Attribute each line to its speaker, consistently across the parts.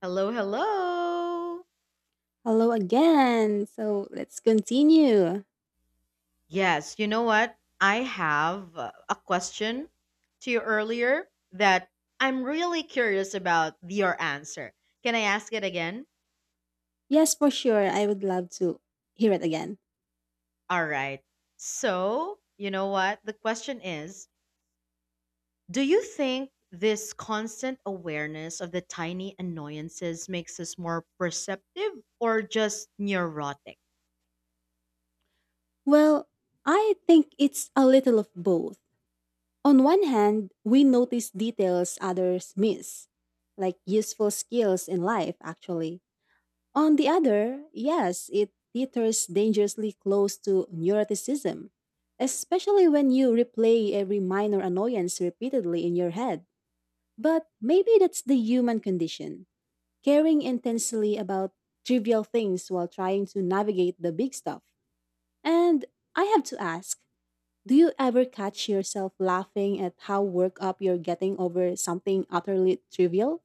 Speaker 1: Hello, hello.
Speaker 2: Hello again. So let's continue.
Speaker 1: Yes, you know what? I have a question to you earlier that I'm really curious about your answer. Can I ask it again?
Speaker 2: Yes, for sure. I would love to hear it again.
Speaker 1: All right. So, you know what? The question is, do you think this constant awareness of the tiny annoyances makes us more perceptive or just neurotic?
Speaker 2: Well, I think it's a little of both. On one hand, we notice details others miss, like useful skills in life, actually. On the other, yes, it teeters dangerously close to neuroticism, especially when you replay every minor annoyance repeatedly in your head. But maybe that's the human condition, caring intensely about trivial things while trying to navigate the big stuff. And I have to ask, do you ever catch yourself laughing at how worked up you're getting over something utterly trivial?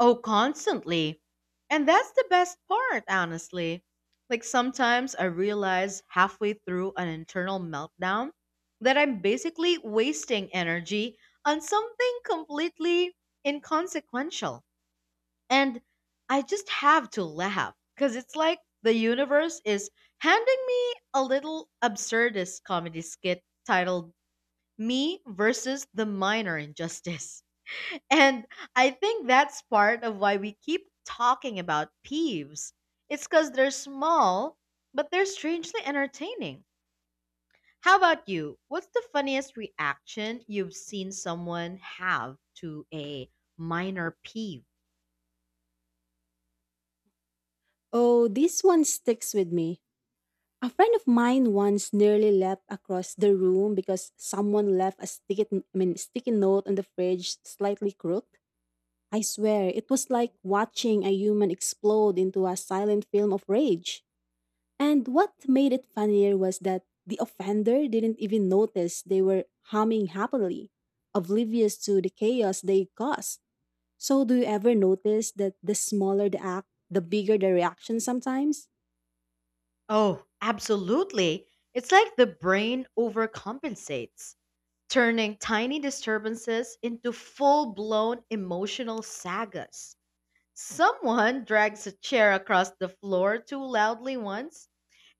Speaker 1: Oh, constantly. And that's the best part, honestly. Like sometimes I realize halfway through an internal meltdown that I'm basically wasting energy on something completely inconsequential. And I just have to laugh because it's like the universe is handing me a little absurdist comedy skit titled Me Versus the Minor Injustice. And I think that's part of why we keep talking about peeves. It's because they're small, but they're strangely entertaining. How about you? What's the funniest reaction you've seen someone have to a minor peeve?
Speaker 2: Oh, this one sticks with me. A friend of mine once nearly leapt across the room because someone left a sticky note on the fridge slightly crooked. I swear, it was like watching a human explode into a silent film of rage. And what made it funnier was that the offender didn't even notice. They were humming happily, oblivious to the chaos they caused. So, do you ever notice that the smaller the act, the bigger the reaction sometimes?
Speaker 1: Oh, absolutely. It's like the brain overcompensates, turning tiny disturbances into full blown emotional sagas. Someone drags a chair across the floor too loudly once,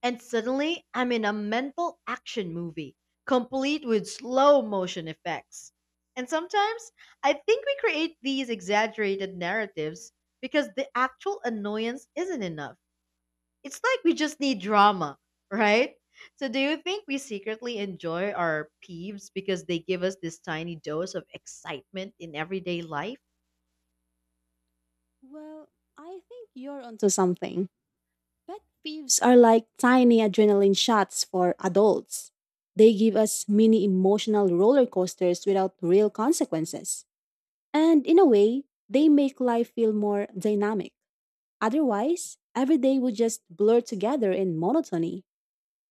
Speaker 1: and suddenly I'm in a mental action movie, complete with slow motion effects. And sometimes I think we create these exaggerated narratives because the actual annoyance isn't enough. It's like we just need drama, right? So, do you think we secretly enjoy our peeves because they give us this tiny dose of excitement in everyday life?
Speaker 2: Well, I think you're onto something. Pet peeves are like tiny adrenaline shots for adults. They give us mini emotional roller coasters without real consequences. And in a way, they make life feel more dynamic. Otherwise, every day would just blur together in monotony.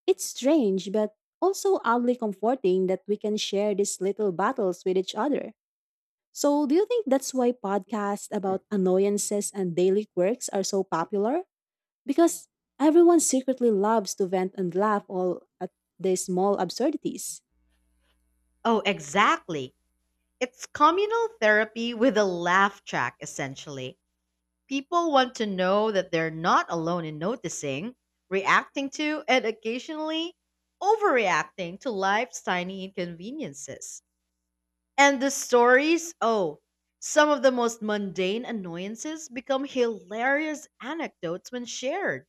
Speaker 2: It's strange, but also oddly comforting that we can share these little battles with each other. So, do you think that's why podcasts about annoyances and daily quirks are so popular? Because everyone secretly loves to vent and laugh all at these small absurdities.
Speaker 1: Oh, exactly. It's communal therapy with a laugh track, essentially. People want to know that they're not alone in noticing, reacting to, and occasionally overreacting to life's tiny inconveniences. And the stories, oh, some of the most mundane annoyances become hilarious anecdotes when shared.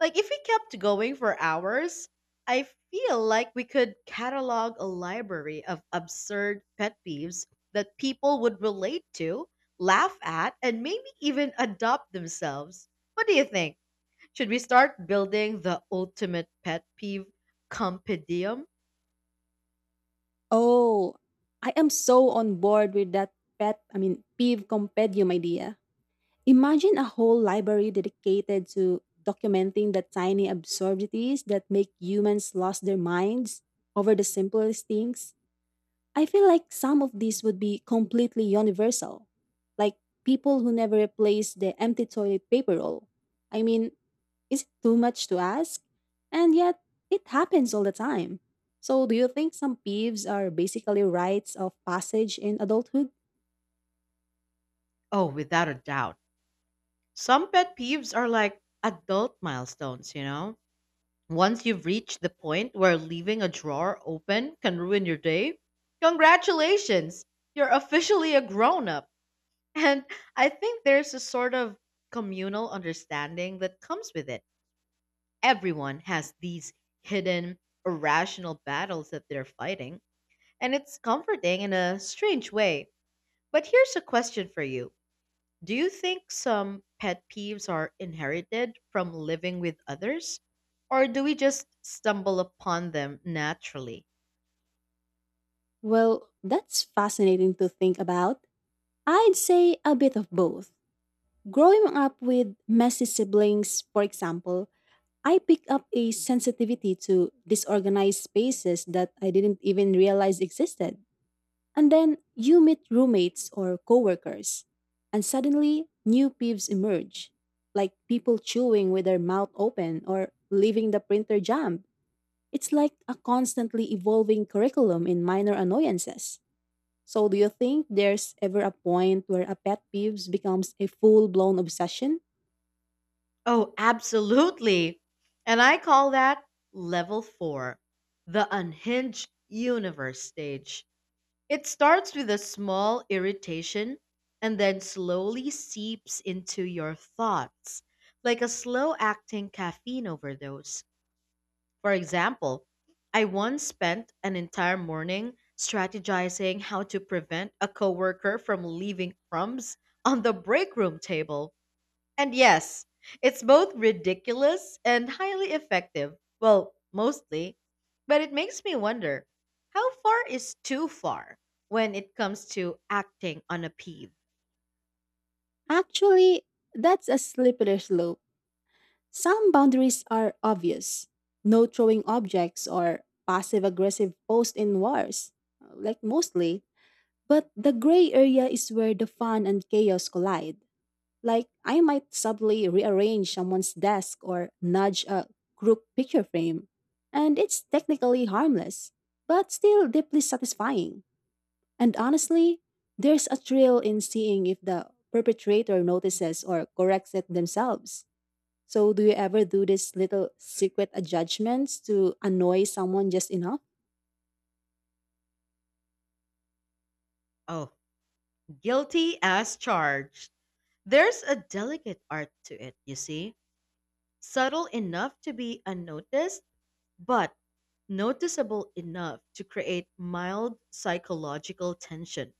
Speaker 1: Like if we kept going for hours, I feel like we could catalog a library of absurd pet peeves that people would relate to, laugh at, and maybe even adopt themselves. What do you think? Should we start building the ultimate pet peeve compendium?
Speaker 2: Oh, I am so on board with that peeve compendium idea. Imagine a whole library dedicated to documenting the tiny absurdities that make humans lost their minds over the simplest things. I feel like some of these would be completely universal, like people who never replace the empty toilet paper roll. I mean, is it too much to ask? And yet, it happens all the time. So, do you think some peeves are basically rites of passage in adulthood?
Speaker 1: Oh, without a doubt. Some pet peeves are like adult milestones, you know? Once you've reached the point where leaving a drawer open can ruin your day, congratulations! You're officially a grown up. And I think there's a sort of communal understanding that comes with it. Everyone has these hidden, irrational battles that they're fighting, and it's comforting in a strange way. But here's a question for you: do you think some pet peeves are inherited from living with others? Or do we just stumble upon them naturally?
Speaker 2: Well, that's fascinating to think about. I'd say a bit of both. Growing up with messy siblings, for example, I picked up a sensitivity to disorganized spaces that I didn't even realize existed. And then you meet roommates or coworkers, and suddenly new peeves emerge, like people chewing with their mouth open or leaving the printer jammed. It's like a constantly evolving curriculum in minor annoyances. So, do you think there's ever a point where a pet peeves becomes a full blown obsession?
Speaker 1: Oh, absolutely. And I call that level four, the unhinged universe stage. It starts with a small irritation and then slowly seeps into your thoughts, like a slow acting caffeine overdose. For example, I once spent an entire morning strategizing how to prevent a coworker from leaving crumbs on the break room table. And yes, it's both ridiculous and highly effective. Well, mostly. But it makes me wonder, how far is too far when it comes to acting on a peeve?
Speaker 2: Actually, that's a slippery slope. Some boundaries are obvious. No throwing objects or passive aggressive posts in wars, like mostly. But the gray area is where the fun and chaos collide. Like, I might subtly rearrange someone's desk or nudge a crook picture frame, and it's technically harmless, but still deeply satisfying. And honestly, there's a thrill in seeing if the perpetrator notices or corrects it themselves. So, do you ever do these little secret adjustments to annoy someone just enough?
Speaker 1: Oh, guilty as charged. There's a delicate art to it, you see, subtle enough to be unnoticed but noticeable enough to create mild psychological tension.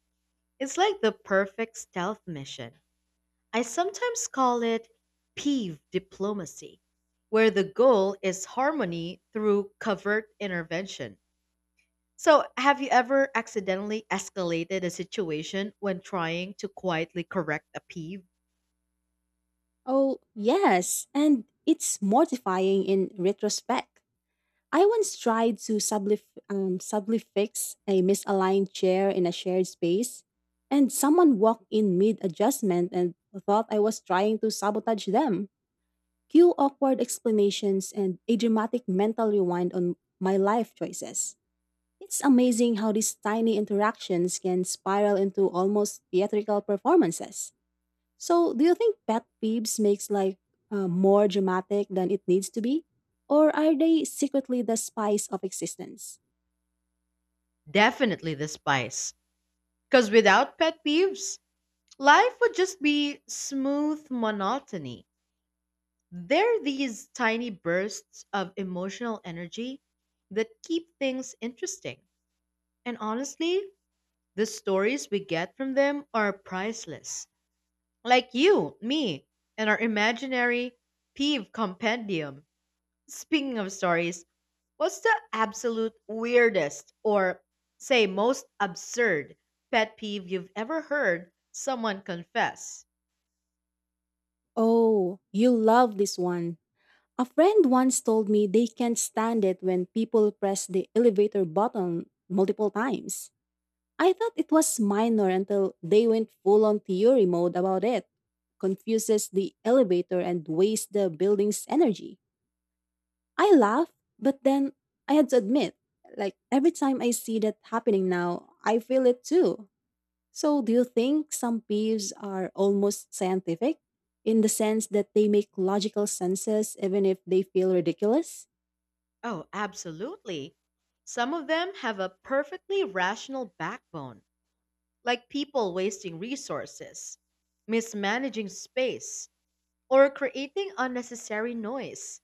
Speaker 1: It's like the perfect stealth mission. I sometimes call it peeve diplomacy, where the goal is harmony through covert intervention. So, have you ever accidentally escalated a situation when trying to quietly correct a peeve?
Speaker 2: Oh, yes, and it's mortifying in retrospect. I once tried to subly fix a misaligned chair in a shared space, and someone walked in mid adjustment and thought I was trying to sabotage them. Cue awkward explanations and a dramatic mental rewind on my life choices. It's amazing how these tiny interactions can spiral into almost theatrical performances. So, do you think pet peeves makes life more dramatic than it needs to be? Or are they secretly the spice of existence?
Speaker 1: Definitely the spice. Because without pet peeves, life would just be smooth monotony. They're these tiny bursts of emotional energy that keep things interesting. And honestly, the stories we get from them are priceless. Like you, me, and our imaginary peeve compendium. Speaking of stories, what's the absolute weirdest or, say, most absurd pet peeve you've ever heard someone confess?
Speaker 2: Oh, you love this one. A friend once told me they can't stand it when people press the elevator button multiple times. I thought it was minor until they went full on theory mode about it. Confuses the elevator and wastes the building's energy. I laugh, but then I had to admit, like every time I see that happening now, I feel it too. So do you think some peeves are almost scientific in the sense that they make logical senses even if they feel ridiculous?
Speaker 1: Oh, absolutely. Some of them have a perfectly rational backbone, like people wasting resources, mismanaging space, or creating unnecessary noise.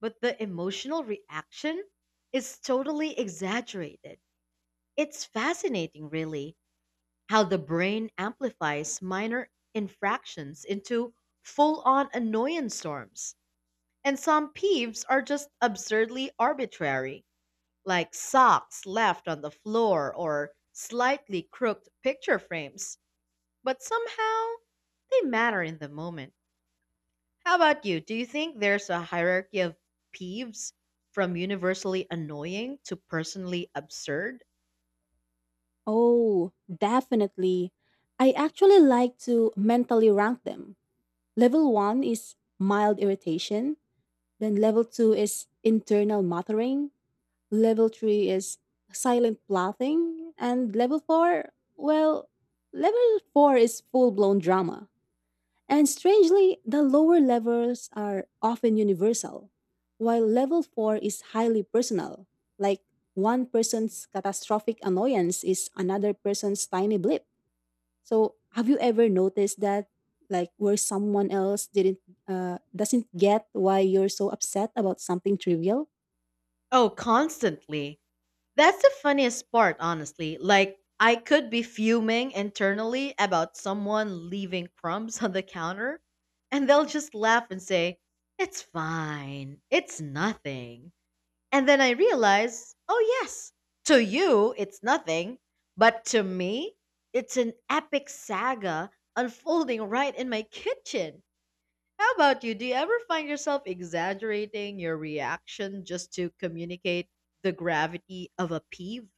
Speaker 1: But the emotional reaction is totally exaggerated. It's fascinating, really, how the brain amplifies minor infractions into full on annoyance storms. And some peeves are just absurdly arbitrary, like socks left on the floor or slightly crooked picture frames, but somehow they matter in the moment. How about you? Do you think there's a hierarchy of peeves from universally annoying to personally absurd?
Speaker 2: Oh, definitely. I actually like to mentally rank them. Level one is mild irritation. Then level two is internal muttering. Level three is silent plotting. And level four, well, level four is full blown drama. And strangely, the lower levels are often universal, while level four is highly personal, like one person's catastrophic annoyance is another person's tiny blip. So have you ever noticed that, like where someone else didn't, doesn't get why you're so upset about something trivial?
Speaker 1: Oh, constantly. That's the funniest part, honestly. Like, I could be fuming internally about someone leaving crumbs on the counter, and they'll just laugh and say, "It's fine. It's nothing." And then I realize, oh, yes, to you, it's nothing. But to me, it's an epic saga unfolding right in my kitchen. How about you? Do you ever find yourself exaggerating your reaction just to communicate the gravity of a peeve?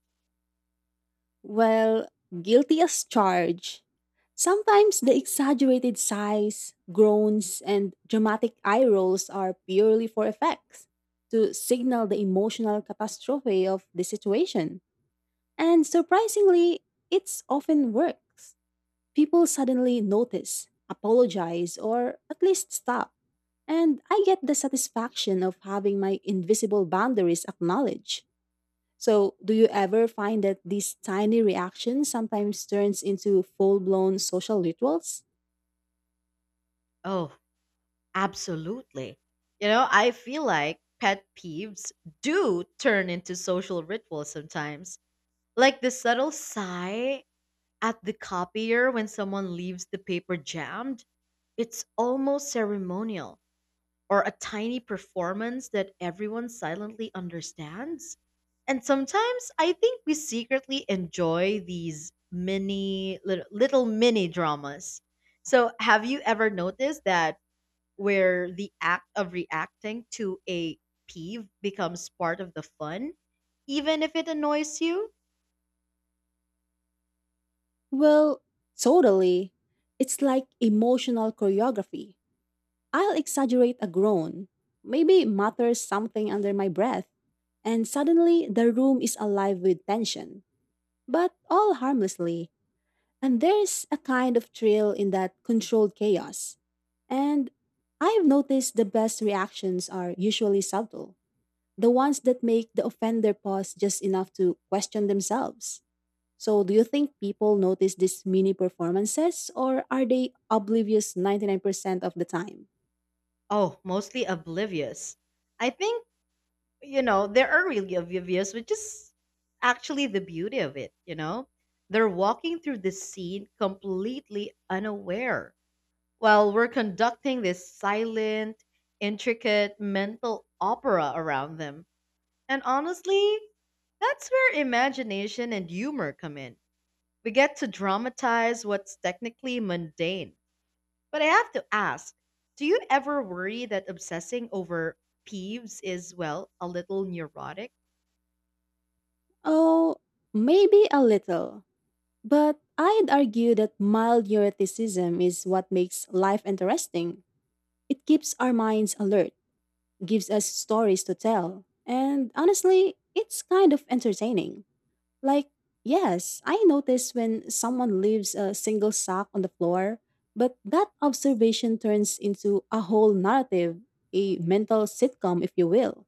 Speaker 2: Well, guilty as charged. Sometimes the exaggerated sighs, groans, and dramatic eye rolls are purely for effects, to signal the emotional catastrophe of the situation. And surprisingly, it's often works. People suddenly notice, apologize, or at least stop. And I get the satisfaction of having my invisible boundaries acknowledged. So, do you ever find that these tiny reactions sometimes turns into full-blown social rituals?
Speaker 1: Oh, absolutely. You know, I feel like pet peeves do turn into social rituals sometimes. Like the subtle sigh at the copier, when someone leaves the paper jammed, it's almost ceremonial, or a tiny performance that everyone silently understands. And sometimes I think we secretly enjoy these mini little mini dramas. So, have you ever noticed that where the act of reacting to a peeve becomes part of the fun, even if it annoys you?
Speaker 2: Well, totally. It's like emotional choreography. I'll exaggerate a groan, maybe mutter something under my breath, and suddenly the room is alive with tension, but all harmlessly. And there's a kind of thrill in that controlled chaos. And I've noticed the best reactions are usually subtle, the ones that make the offender pause just enough to question themselves. So, do you think people notice these mini performances, or are they oblivious 99% of the time?
Speaker 1: Oh, mostly oblivious. I think, you know, there are really oblivious, which is actually the beauty of it, you know? They're walking through the scene completely unaware while we're conducting this silent, intricate mental opera around them. And honestly, that's where imagination and humor come in. We get to dramatize what's technically mundane. But I have to ask, do you ever worry that obsessing over peeves is, well, a little neurotic?
Speaker 2: Oh, maybe a little. But I'd argue that mild neuroticism is what makes life interesting. It keeps our minds alert, gives us stories to tell. And honestly, it's kind of entertaining. Like, yes, I notice when someone leaves a single sock on the floor, but that observation turns into a whole narrative, a mental sitcom, if you will.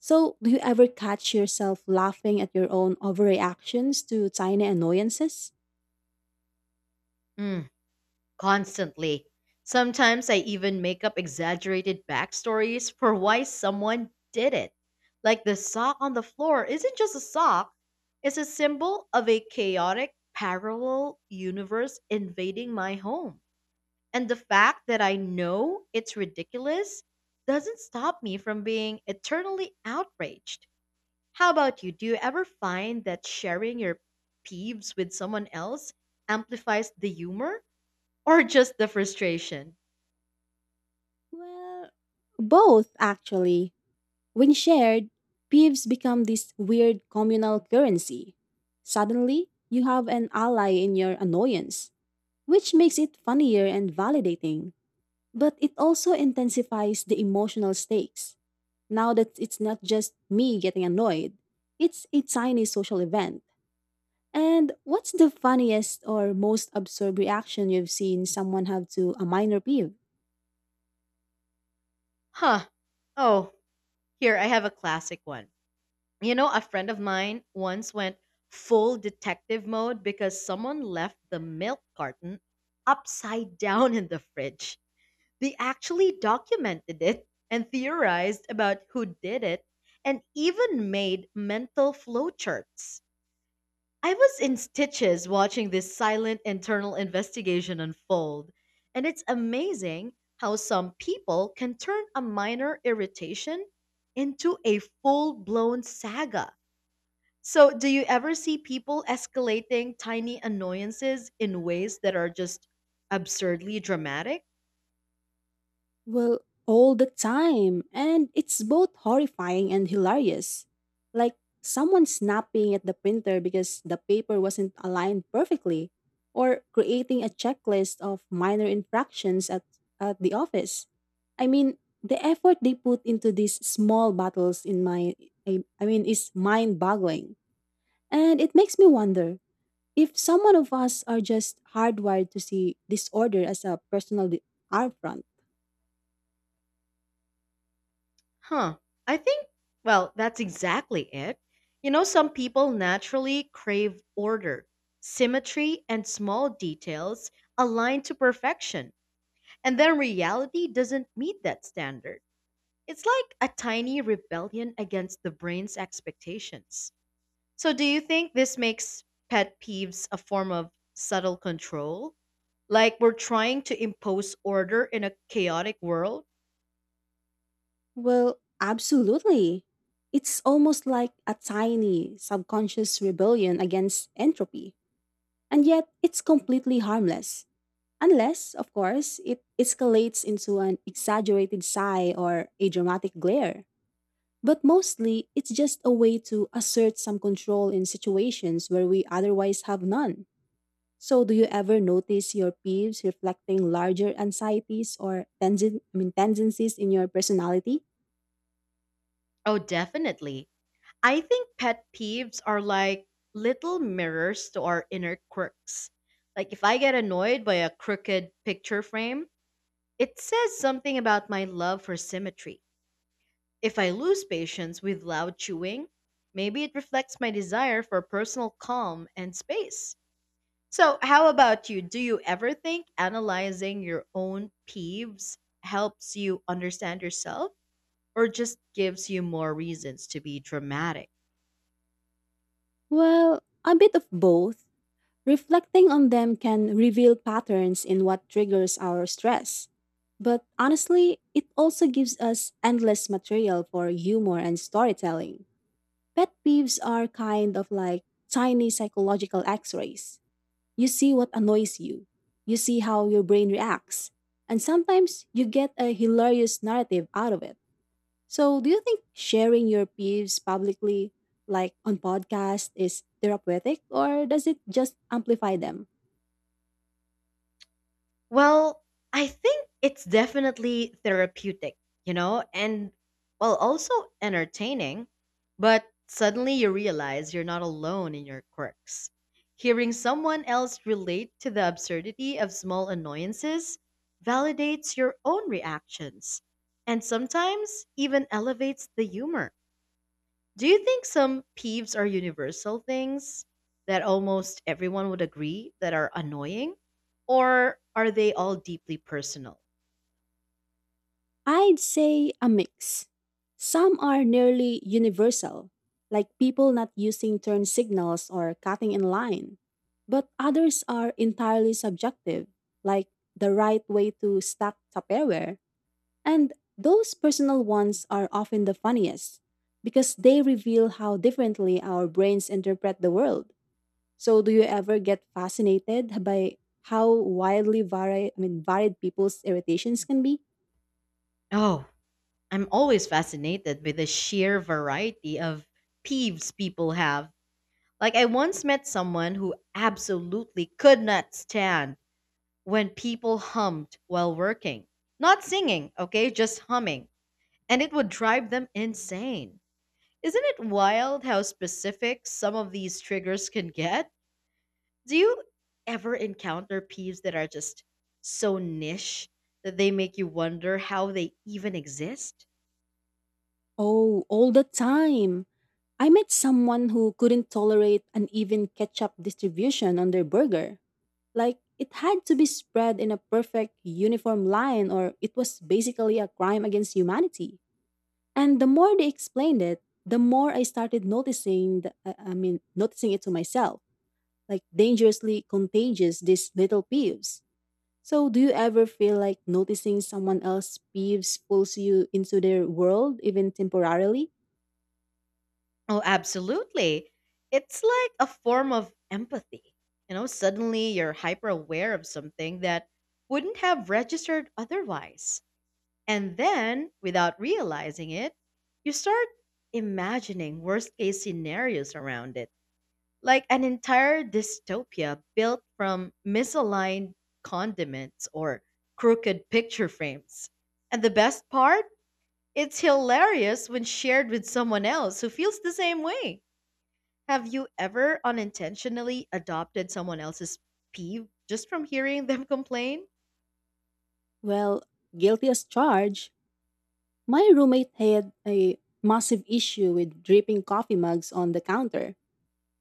Speaker 2: So, do you ever catch yourself laughing at your own overreactions to tiny annoyances?
Speaker 1: Hmm. Constantly. Sometimes I even make up exaggerated backstories for why someone did it. Like the sock on the floor isn't just a sock, it's a symbol of a chaotic parallel universe invading my home. And the fact that I know it's ridiculous doesn't stop me from being eternally outraged. How about you? Do you ever find that sharing your peeves with someone else amplifies the humor? Or just the frustration.
Speaker 2: Well, both, actually. When shared, peeves become this weird communal currency. Suddenly, you have an ally in your annoyance, which makes it funnier and validating. But it also intensifies the emotional stakes. Now that it's not just me getting annoyed, it's a tiny social event. And what's the funniest or most absurd reaction you've seen someone have to a minor peeve?
Speaker 1: Huh. Oh, here, I have a classic one. You know, a friend of mine once went full detective mode because someone left the milk carton upside down in the fridge. They actually documented it and theorized about who did it and even made mental flowcharts. I was in stitches watching this silent internal investigation unfold, and it's amazing how some people can turn a minor irritation into a full blown saga. So, do you ever see people escalating tiny annoyances in ways that are just absurdly dramatic?
Speaker 2: Well, all the time. And it's both horrifying and hilarious. Like someone snapping at the printer because the paper wasn't aligned perfectly, or creating a checklist of minor infractions at the office. I mean, the effort they put into these small battles in my is mind-boggling. And it makes me wonder if someone of us are just hardwired to see disorder as a personal affront.
Speaker 1: Huh. I think, well, that's exactly it. You know, some people naturally crave order, symmetry, and small details aligned to perfection. And then reality doesn't meet that standard. It's like a tiny rebellion against the brain's expectations. So, do you think this makes pet peeves a form of subtle control? Like we're trying to impose order in a chaotic world?
Speaker 2: Well, absolutely. It's almost like a tiny subconscious rebellion against entropy. And yet, it's completely harmless. Unless, of course, it escalates into an exaggerated sigh or a dramatic glare. But mostly, it's just a way to assert some control in situations where we otherwise have none. So, do you ever notice your peeves reflecting larger anxieties or tendencies in your personality?
Speaker 1: Oh, definitely. I think pet peeves are like little mirrors to our inner quirks. Like if I get annoyed by a crooked picture frame, it says something about my love for symmetry. If I lose patience with loud chewing, maybe it reflects my desire for personal calm and space. So, how about you? Do you ever think analyzing your own peeves helps you understand yourself or just gives you more reasons to be dramatic?
Speaker 2: Well, a bit of both. Reflecting on them can reveal patterns in what triggers our stress. But honestly, it also gives us endless material for humor and storytelling. Pet peeves are kind of like tiny psychological x rays. You see what annoys you, you see how your brain reacts, and sometimes you get a hilarious narrative out of it. So, do you think sharing your peeves publicly, like on podcast, is therapeutic or does it just amplify them?
Speaker 1: Well, I think it's definitely therapeutic, you know, and, well, also entertaining. But suddenly you realize you're not alone in your quirks. Hearing someone else relate to the absurdity of small annoyances validates your own reactions and sometimes even elevates the humor. Do you think some peeves are universal things that almost everyone would agree that are annoying? Or are they all deeply personal?
Speaker 2: I'd say a mix. Some are nearly universal, like people not using turn signals or cutting in line. But others are entirely subjective, like the right way to stack Tupperware. And those personal ones are often the funniest because they reveal how differently our brains interpret the world. So do you ever get fascinated by how wildly varied I mean varied people's irritations can be?
Speaker 1: Oh, I'm always fascinated by the sheer variety of peeves people have. Like, I once met someone who absolutely could not stand when people hummed while working. Not singing, okay, just humming. And it would drive them insane. Isn't it wild how specific some of these triggers can get? Do you ever encounter peeves that are just so niche that they make you wonder how they even exist?
Speaker 2: Oh, all the time. I met someone who couldn't tolerate an even ketchup distribution on their burger. Like it had to be spread in a perfect uniform line or it was basically a crime against humanity. And the more they explained it, the more I started noticing the, I mean noticing it to myself, like dangerously contagious these little peeves. So, do you ever feel like noticing someone else's peeves pulls you into their world, even temporarily?
Speaker 1: Oh, absolutely. It's like a form of empathy. You know, suddenly you're hyper aware of something that wouldn't have registered otherwise. And then, without realizing it, you start imagining worst case scenarios around it, like an entire dystopia built from misaligned condiments or crooked picture frames. And the best part? It's hilarious when shared with someone else who feels the same way. Have you ever unintentionally adopted someone else's peeve just from hearing them complain?
Speaker 2: Well, guilty as charged. My roommate had a massive issue with dripping coffee mugs on the counter.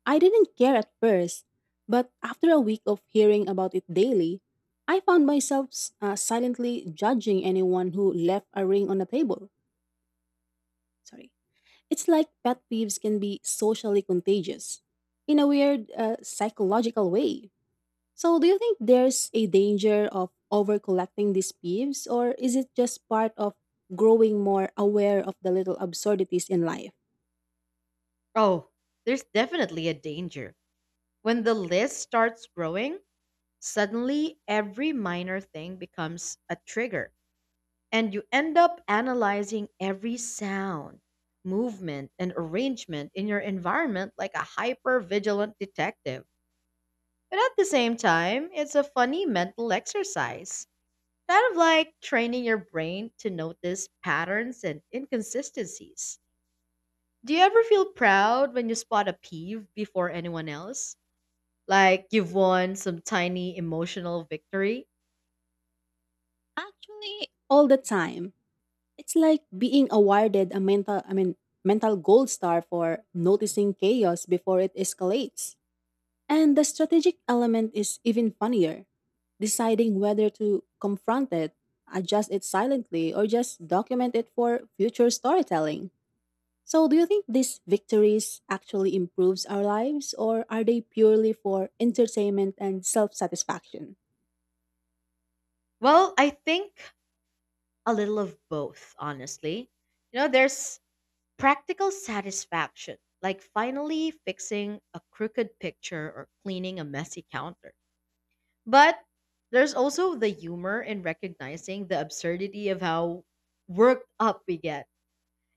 Speaker 2: I didn't care at first, but after a week of hearing about it daily, I found myself silently judging anyone who left a ring on the table. Sorry. It's like pet peeves can be socially contagious in a weird, psychological way. So, do you think there's a danger of overcollecting these peeves, or is it just part of growing more aware of the little absurdities in life?
Speaker 1: Oh, there's definitely a danger. When the list starts growing, suddenly every minor thing becomes a trigger. And you end up analyzing every sound, movement, and arrangement in your environment like a hyper vigilant detective. But at the same time, it's a funny mental exercise, kind of like training your brain to notice patterns and inconsistencies. Do you ever feel proud when you spot a peeve before anyone else? Like you've won some tiny emotional victory?
Speaker 2: Actually, all the time. It's like being awarded a mental gold star for noticing chaos before it escalates. And the strategic element is even funnier, deciding whether to confront it, adjust it silently, or just document it for future storytelling. So, do you think these victories actually improves our lives or are they purely for entertainment and self-satisfaction?
Speaker 1: Well, I think a little of both, honestly. You know, there's practical satisfaction, like finally fixing a crooked picture or cleaning a messy counter. But there's also the humor in recognizing the absurdity of how worked up we get.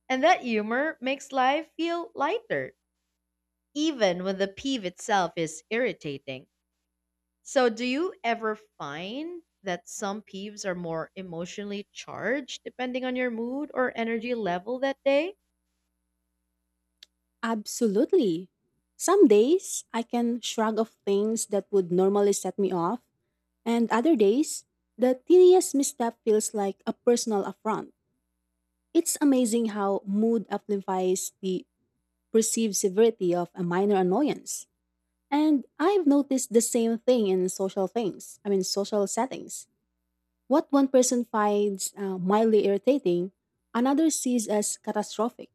Speaker 1: And that humor makes life feel lighter, even when the peeve itself is irritating. So, do you ever find that some peeves are more emotionally charged depending on your mood or energy level that day?
Speaker 2: Absolutely. Some days I can shrug off things that would normally set me off, and other days the tiniest misstep feels like a personal affront. It's amazing how mood amplifies the perceived severity of a minor annoyance. And I've noticed the same thing in social things, I mean social settings. What one person finds mildly irritating, another sees as catastrophic.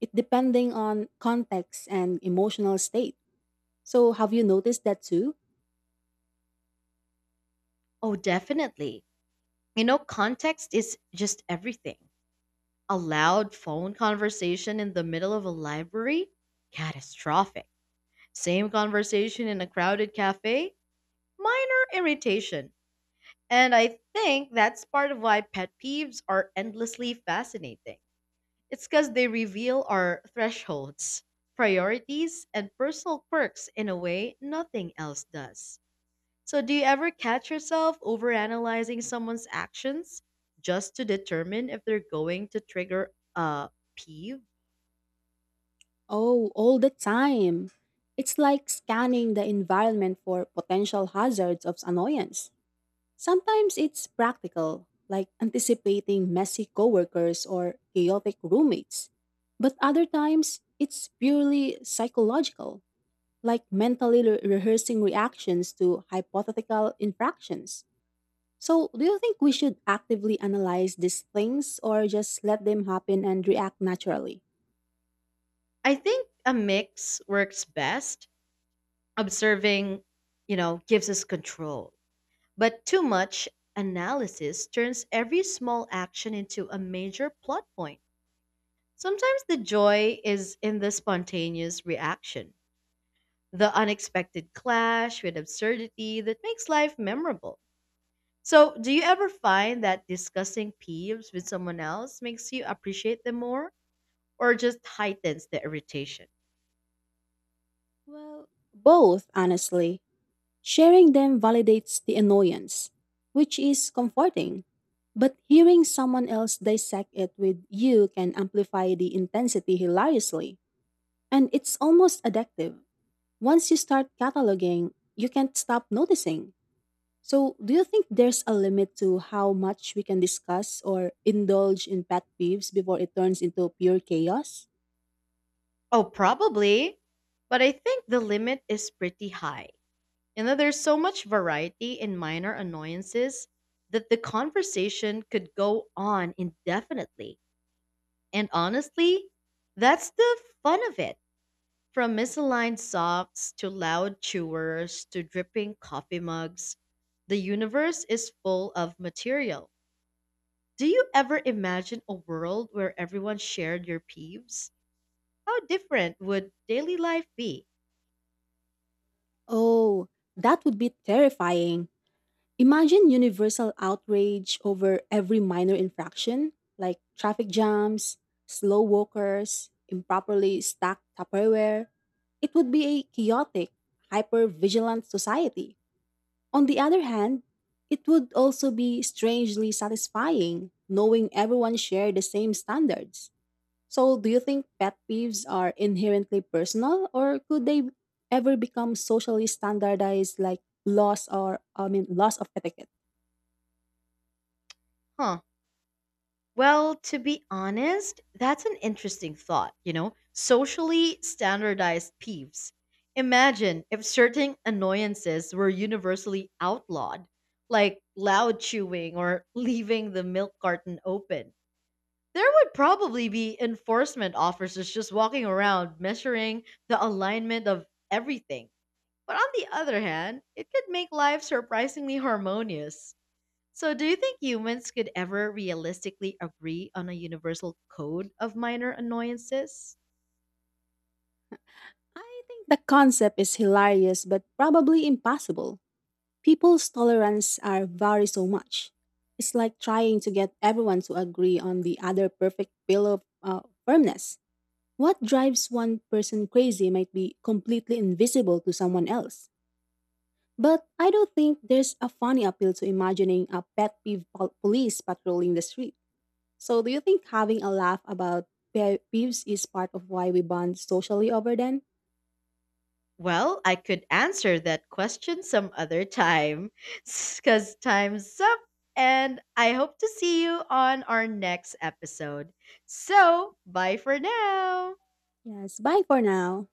Speaker 2: It depending on context and emotional state. So have you noticed that too?
Speaker 1: Oh, definitely. You know, context is just everything. A loud phone conversation in the middle of a library? Catastrophic. Same conversation in a crowded cafe, minor irritation. And I think that's part of why pet peeves are endlessly fascinating. It's because they reveal our thresholds, priorities, and personal quirks in a way nothing else does. So, do you ever catch yourself overanalyzing someone's actions just to determine if they're going to trigger a peeve?
Speaker 2: Oh, all the time. It's like scanning the environment for potential hazards of annoyance. Sometimes it's practical, like anticipating messy coworkers or chaotic roommates. But other times, it's purely psychological, like mentally rehearsing reactions to hypothetical infractions. So, do you think we should actively analyze these things or just let them happen and react naturally?
Speaker 1: I think a mix works best. Observing, you know, gives us control. But too much analysis turns every small action into a major plot point. Sometimes the joy is in the spontaneous reaction, the unexpected clash with absurdity that makes life memorable. So, do you ever find that discussing peeves with someone else makes you appreciate them more or just heightens the irritation?
Speaker 2: Well, both, honestly. Sharing them validates the annoyance, which is comforting. But hearing someone else dissect it with you can amplify the intensity hilariously. And it's almost addictive. Once you start cataloging, you can't stop noticing. So, do you think there's a limit to how much we can discuss or indulge in pet peeves before it turns into pure chaos?
Speaker 1: Oh, probably. But I think the limit is pretty high. And that there's so much variety in minor annoyances that the conversation could go on indefinitely. And honestly, that's the fun of it. From misaligned socks to loud chewers to dripping coffee mugs, the universe is full of material. Do you ever imagine a world where everyone shared your peeves? How different would daily life be?
Speaker 2: Oh, that would be terrifying. Imagine universal outrage over every minor infraction, like traffic jams, slow walkers, improperly stacked Tupperware. It would be a chaotic, hyper vigilant society. On the other hand, it would also be strangely satisfying knowing everyone shared the same standards. So, do you think pet peeves are inherently personal, or could they ever become socially standardized like laws of etiquette?
Speaker 1: Huh? Well, to be honest, that's an interesting thought, you know? Socially standardized peeves. Imagine if certain annoyances were universally outlawed, like loud chewing or leaving the milk carton open. There would probably be enforcement officers just walking around measuring the alignment of everything. But on the other hand, it could make life surprisingly harmonious. So, do you think humans could ever realistically agree on a universal code of minor annoyances?
Speaker 2: I think the concept is hilarious but probably impossible. People's tolerance are vary so much. It's like trying to get everyone to agree on the other perfect pillow of firmness. What drives one person crazy might be completely invisible to someone else. But I don't think there's a funny appeal to imagining a pet peeve police patrolling the street. So, do you think having a laugh about pet peeves is part of why we bond socially over them?
Speaker 1: Well, I could answer that question some other time because time's up. And I hope to see you on our next episode. So, bye for now.
Speaker 2: Yes, bye for now.